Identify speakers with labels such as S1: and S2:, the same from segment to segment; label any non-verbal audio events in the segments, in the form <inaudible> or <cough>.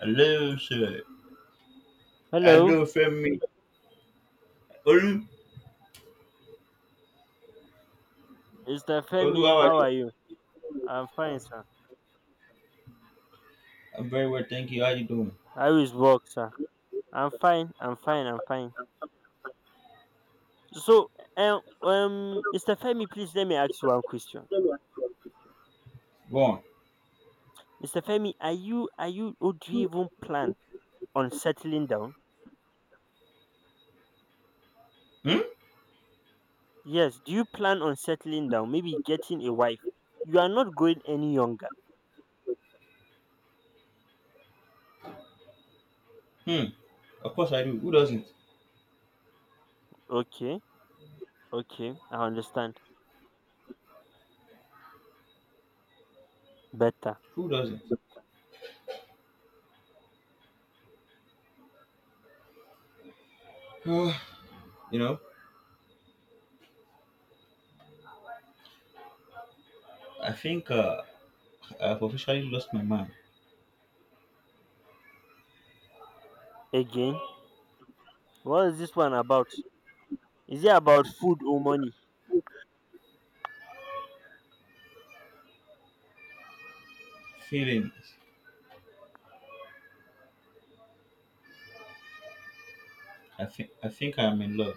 S1: Hello, sir.
S2: Hello,
S1: Hello, family. Olu,
S2: Mr.
S1: Olu,
S2: Femi,
S1: how are
S2: how
S1: you?
S2: are you? I'm fine, sir.
S1: I'm very well, thank you. How you doing?
S2: How is work, sir? I'm fine. So, Mr. Femi, please let me ask you one question.
S1: Go on.
S2: Mr. Femi, or do you even plan on settling down?
S1: Hmm?
S2: Yes, do you plan on settling down? Maybe getting a wife? You are not going any younger.
S1: Hmm. Of course I do. Who doesn't?
S2: Okay, okay, I understand. Better.
S1: Who doesn't? <sighs> you know, I think I've officially lost my mind.
S2: Again, what is this one about? Is it about food or money?
S1: Feelings. I think I'm in love.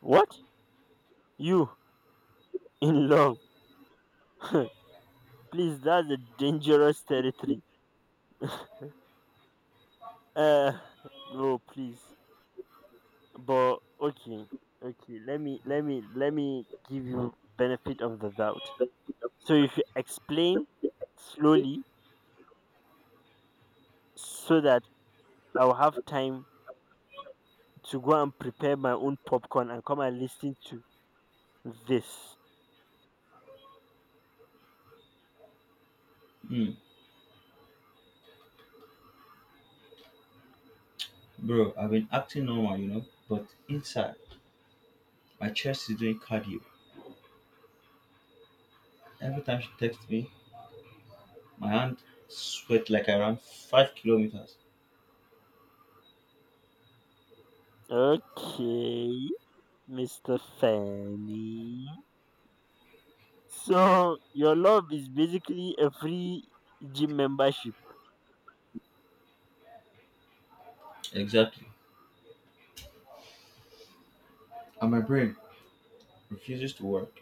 S2: What? You, in love. <laughs> Please, that's a dangerous territory. <laughs> Uh, no, please. But okay, okay. Let me give you benefit of the doubt. So if you explain slowly, so that I'll have time to go and prepare my own popcorn and come and listen to this.
S1: Hmm. Bro, I've been acting normal, you know, but inside, my chest is doing cardio. Every time she texts me, my hand sweat like I ran 5 kilometers.
S2: Okay, Mister Fanny. So your love is basically a free gym membership.
S1: Exactly. And my brain refuses to work.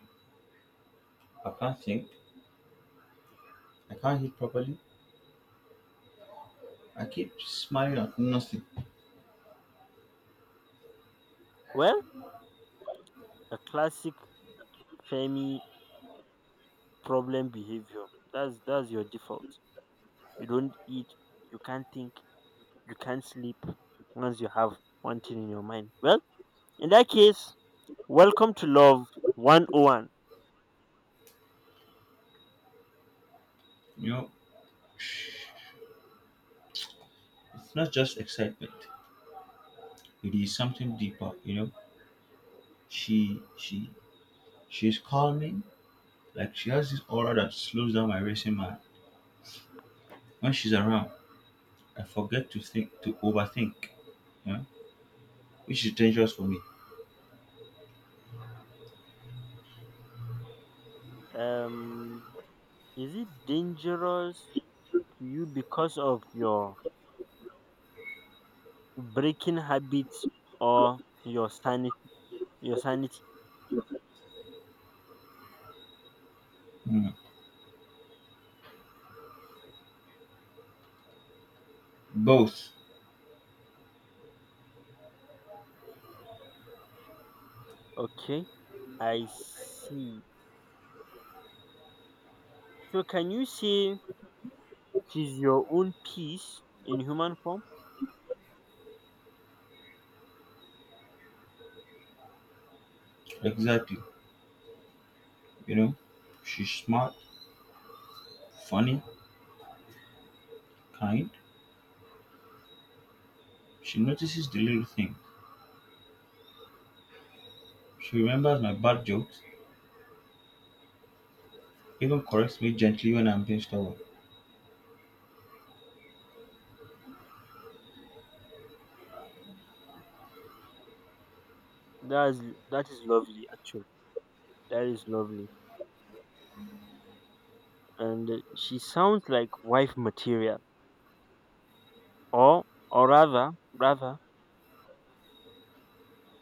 S1: I can't think. I can't eat properly. I keep smiling at nothing.
S2: Well, a classic Femi problem behavior. That's your default. You don't eat, you can't think, you can't sleep once you have one thing in your mind. Well, in that case, welcome to Love 101.
S1: You know, it's not just excitement. It is something deeper. You know, she she's calming. Like she has this aura that slows down my racing mind. When she's around, I forget to think to overthink. You know, which is dangerous for me.
S2: Um is it dangerous to you because of your breaking habits or your sanity?
S1: Mm. Both,
S2: Okay. I see. So can you say she's your own piece in human form?
S1: exactly. You know, she's smart, funny, kind. She notices the little things. She remembers my bad jokes, even corrects me gently when I'm being stubborn.
S2: That's that is lovely actually. That is lovely. And she sounds like wife material or or rather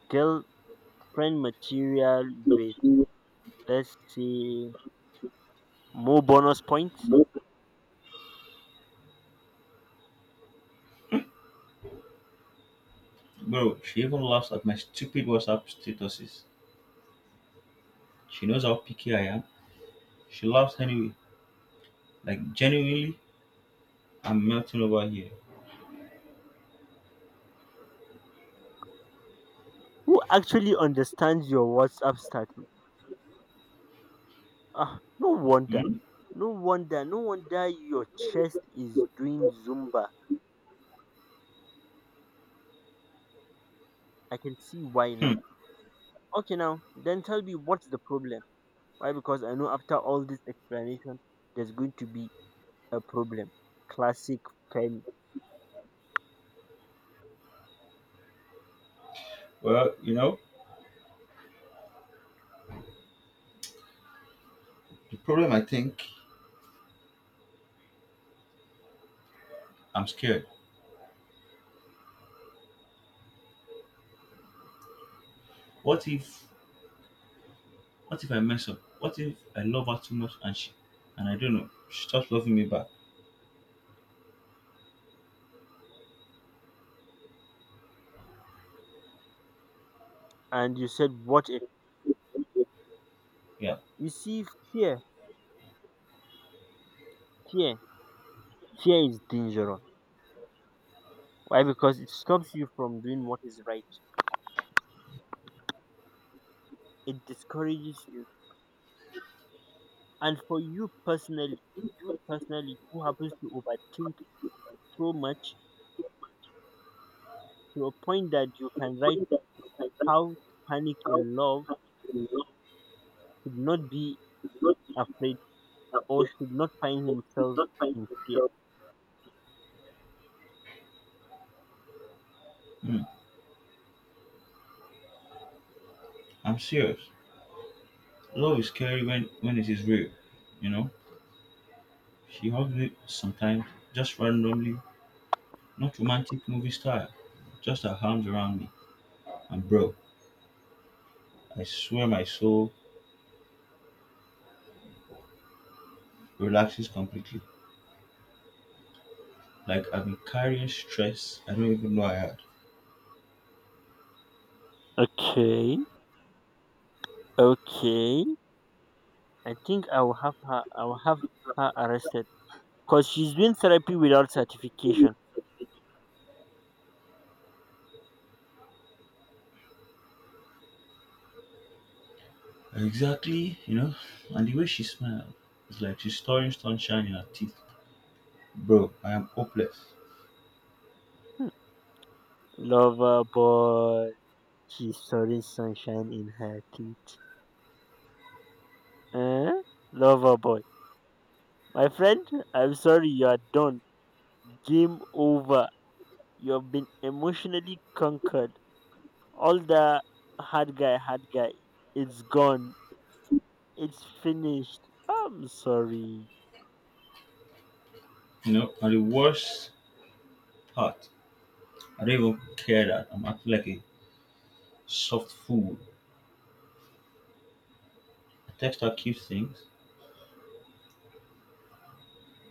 S2: girlfriend material with let's say more bonus points
S1: Bro, she even laughs at my stupid WhatsApp statuses. She knows how picky I am. She laughs anyway. Like, genuinely, I'm melting over here.
S2: who actually understands your WhatsApp status. Ah, no wonder.
S1: Hmm?
S2: No wonder your chest is doing Zumba. I can see why now.
S1: Hmm.
S2: Okay now, then tell me what's the problem? Why? Because I know after all this explanation there's going to be a problem. Classic Femi.
S1: Well, you know, the problem I think I'm scared. What if, what if I mess up? What if I love her too much and and I don't know, she stops loving me back?
S2: And you said, what if?
S1: Yeah.
S2: You see, fear, fear, fear is dangerous. Why? Because it stops you from doing what is right. It discourages you. And for you personally, who happens to overthink so much to a point that you can write how to panic in love should not be afraid or should not find himself in fear.
S1: Hmm. I'm serious. Love is scary when it is real. You know, she hugs me sometimes, just randomly, not romantic movie style, just her arms around me. And bro, I swear my soul relaxes completely. Like I've been carrying stress I don't even know I had.
S2: Okay, okay. I think I will have her. I will have her arrested. Because she's doing therapy without certification.
S1: Exactly, you know. And the way she smiled, it's like she's storing sunshine in her teeth. Bro, I am hopeless.
S2: Hmm. Lover boy, she's sorry, sunshine in her teeth. Eh? Lover boy. My friend, I'm sorry you are done. Game over. You have been emotionally conquered. All the hard guy, it's gone. It's finished. I'm sorry.
S1: You know, and the worst part, I don't even care that I'm acting like a soft fool. I text her cute things.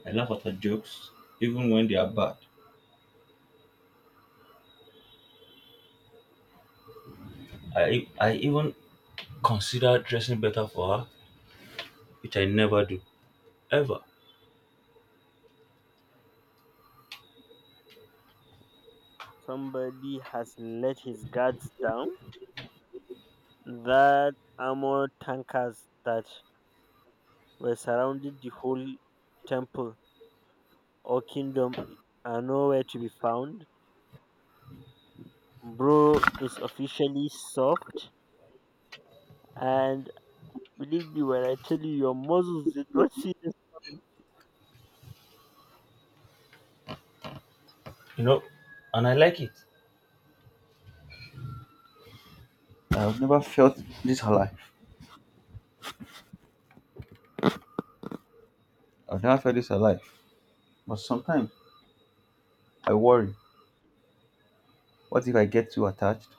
S1: I laugh at her jokes, even when they are bad. I even consider dressing better for her, which I never do ever.
S2: Somebody has let his guards down. That armor tankers that were surrounding the whole temple or kingdom are nowhere to be found. Bro is officially soft, and believe me when I tell you, your muscles did not see this coming.
S1: You know, and I like it. I've never felt this alive. I've never felt this alive. But sometimes I worry. What if I get too attached?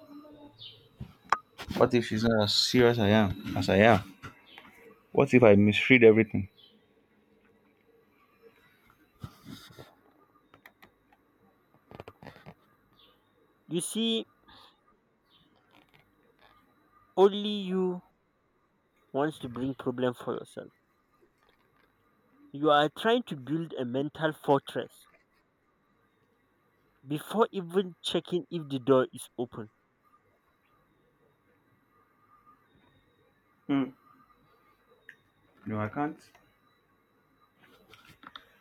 S1: What if she's not as serious I am as I am? What if I misread everything?
S2: You see, only you wants to bring problem for yourself. You are trying to build a mental fortress before even checking if the door is open.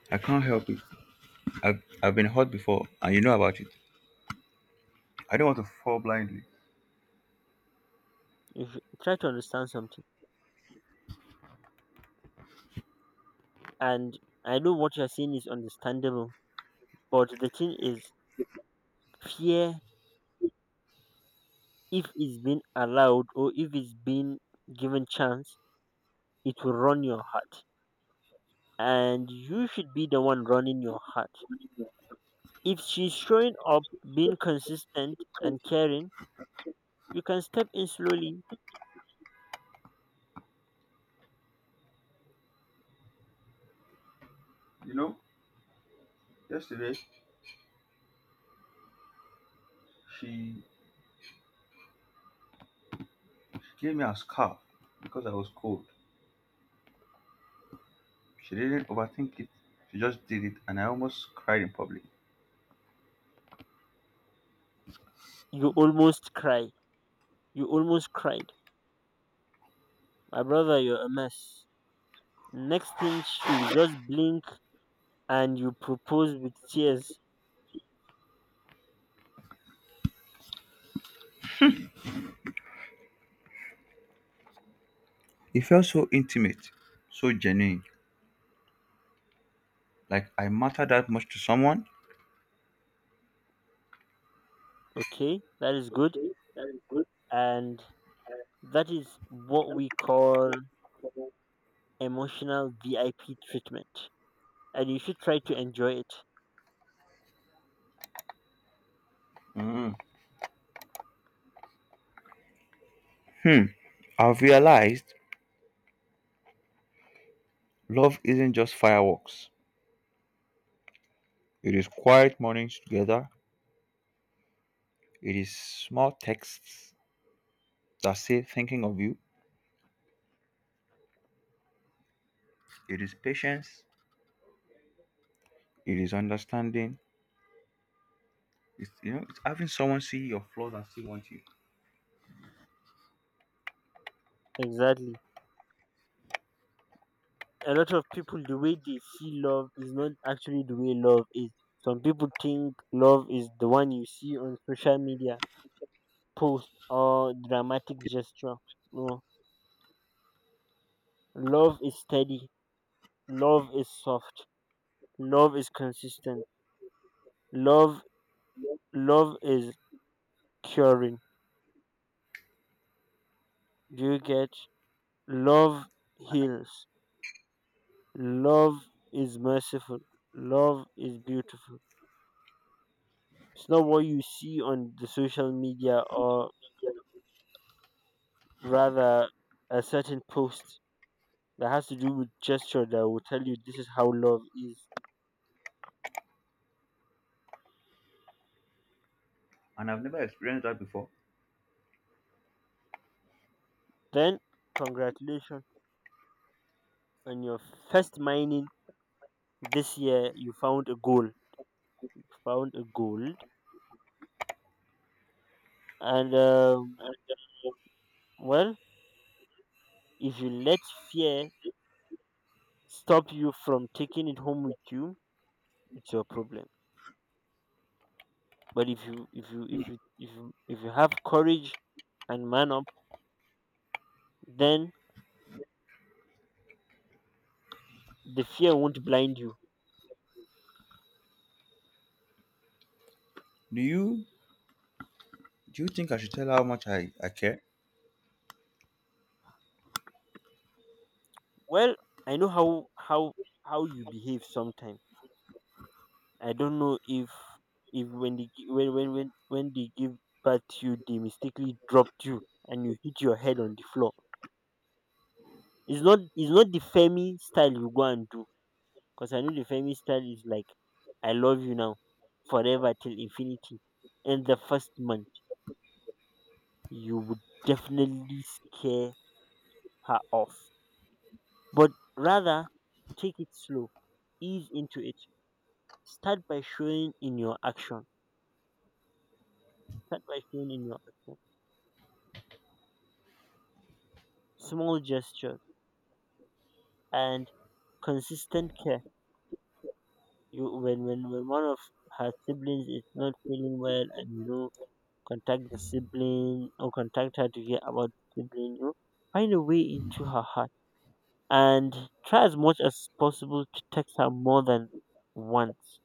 S1: I can't help it. I've been hurt before and you know about it. I don't want to fall blindly.
S2: If try to understand something, and I know what you're saying is understandable, but the thing is, fear if it's been allowed or if it's been given chance, it will run your heart. And you should be the one running your heart. If she's showing up, being consistent and caring, you can step in slowly.
S1: You know, yesterday she gave me a scarf because I was cold. She didn't overthink it. She just did it and I almost cried in public.
S2: You almost cry. You almost cried. My brother, you're a mess. Next thing she'll just blink and you propose with tears.
S1: It felt so intimate, so genuine, like I mattered that much to someone.
S2: Okay, that is good. And that is what we call emotional VIP treatment. And you should try to enjoy it.
S1: Hmm, I've realized love isn't just fireworks. It is quiet mornings together. It is small texts that say thinking of you. It is patience. It is understanding. It's it's having someone see your flaws and still want you.
S2: Exactly. A lot of people, the way they see love is not actually the way love is. Some people think love is the one you see on social media, post or dramatic gesture. No, love is steady. Love is soft. Love is consistent. Love, love is curing. Do you get? Love heals. Love is merciful. Love is beautiful. It's not what you see on the social media or rather a certain post that has to do with gesture that will tell you this is how love is.
S1: And I've never experienced that before.
S2: Then congratulations on your first mining this year you found a gold. Found a gold and well if you let fear stop you from taking it home with you, it's your problem. But if you have courage and man up, then the fear won't blind you
S1: Do you do you think I should tell her how much I care?
S2: well I know how you behave sometimes I don't know if when they when when they give birth to you they mistakenly dropped you and you hit your head on the floor it's not the femi style you go and do because I know the femi style is like I love you now forever till infinity in the first month you would definitely scare her off but rather take it slow ease into it. Start by showing in your action. Start by showing in your action. Small gestures and consistent care. You when one of her siblings is not feeling well and you know contact the sibling or contact her to hear about the sibling, you know, find a way into her heart and try as much as possible to text her more than once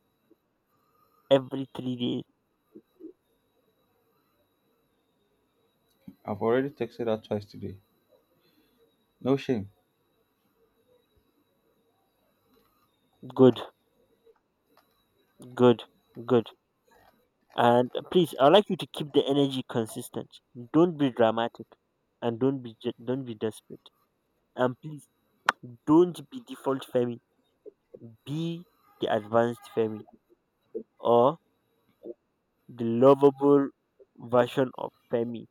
S2: every 3 days. Good, good, good. And please, I'd like you to keep the energy consistent. Don't be dramatic, and don't be desperate. And please, don't be default Femi. Be the advanced Femi or the lovable version of Femi,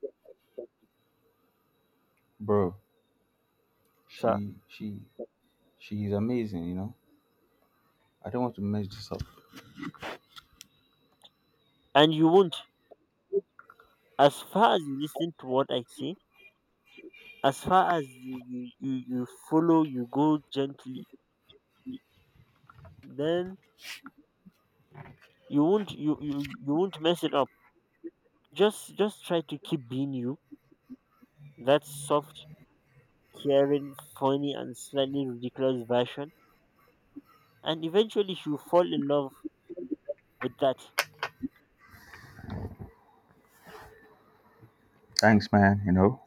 S1: Bro,
S2: sir.
S1: she she is amazing, you know. I don't want to mess this up.
S2: And you won't. As far as you listen to what I say, as far as you follow, you go gently. Then you won't mess it up. Just try to keep being you. That's soft caring, funny, and slightly ridiculous version. And eventually, she'll fall in love with that.
S1: Thanks man, you know.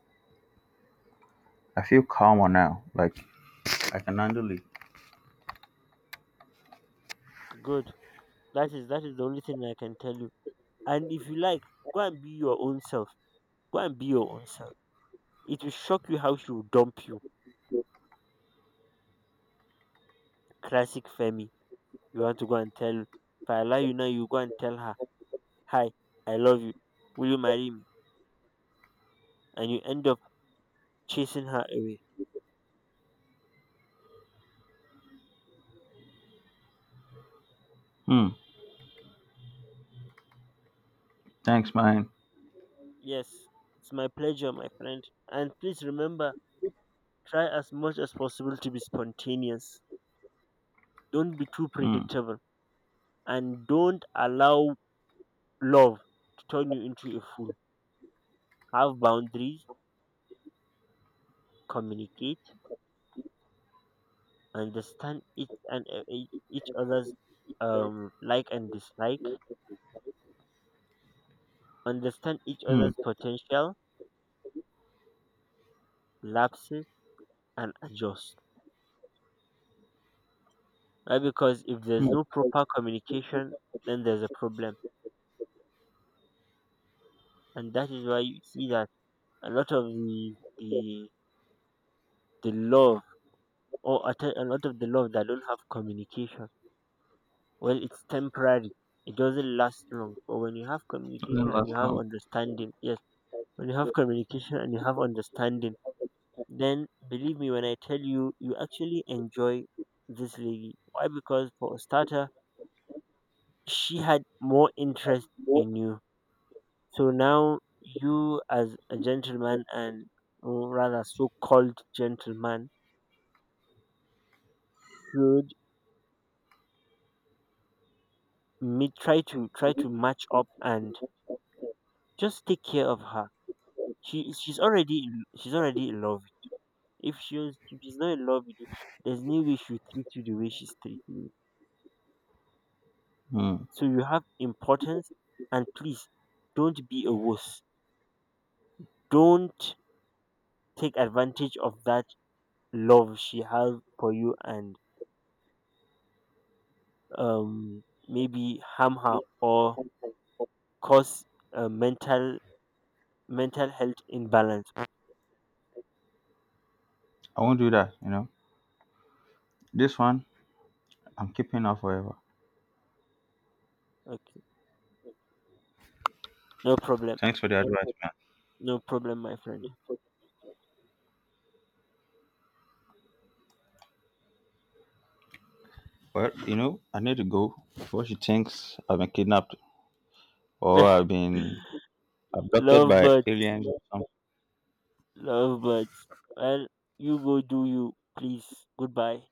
S1: I feel calmer now. Like I can handle it.
S2: Good. That is the only thing I can tell you. And if you like, go and be your own self. Go and be your own self. It will shock you how she will dump you. Classic Femi. You want to go and tell if I allow you now, you go and tell her, Hi, I love you. Will you marry me? And you end up chasing her away.
S1: Hmm. Thanks man.
S2: Yes, it's my pleasure, my friend. And please remember, try as much as possible to be spontaneous. Don't be too
S1: Hmm.
S2: predictable and don't allow love to turn you into a fool. Have boundaries, communicate, understand each and each other's like and dislike, understand each
S1: Hmm.
S2: other's potential, lapses and adjust. Right? Because if there's
S1: Hmm.
S2: no proper communication, then there's a problem. And that is why you see that a lot of the love or a lot of the love that don't have communication well it's temporary it doesn't last long but when you have communication and you have understanding yes when you have communication and you have understanding then believe me when I tell you you actually enjoy this lady why because for a starter she had more interest in you so now you as a gentleman and or rather so called gentleman should meet try to match up and just take care of her she's already in love. If she's not in love with you, there's no way she'll treat you the way she's treating you.
S1: Hmm.
S2: So you have importance, and please don't be a wuss. Don't take advantage of that love she has for you and um maybe harm her or cause a mental health imbalance.
S1: I want to know. This one I'm keeping her forever.
S2: Okay, no problem,
S1: Thanks for the advice, okay. Man.
S2: my friend.
S1: Well, you know, I need to go before she thinks I've been kidnapped or I've
S2: <laughs>
S1: been abducted
S2: love
S1: by
S2: birds,
S1: aliens or something.
S2: love birds. Well, you go do you, please. Goodbye.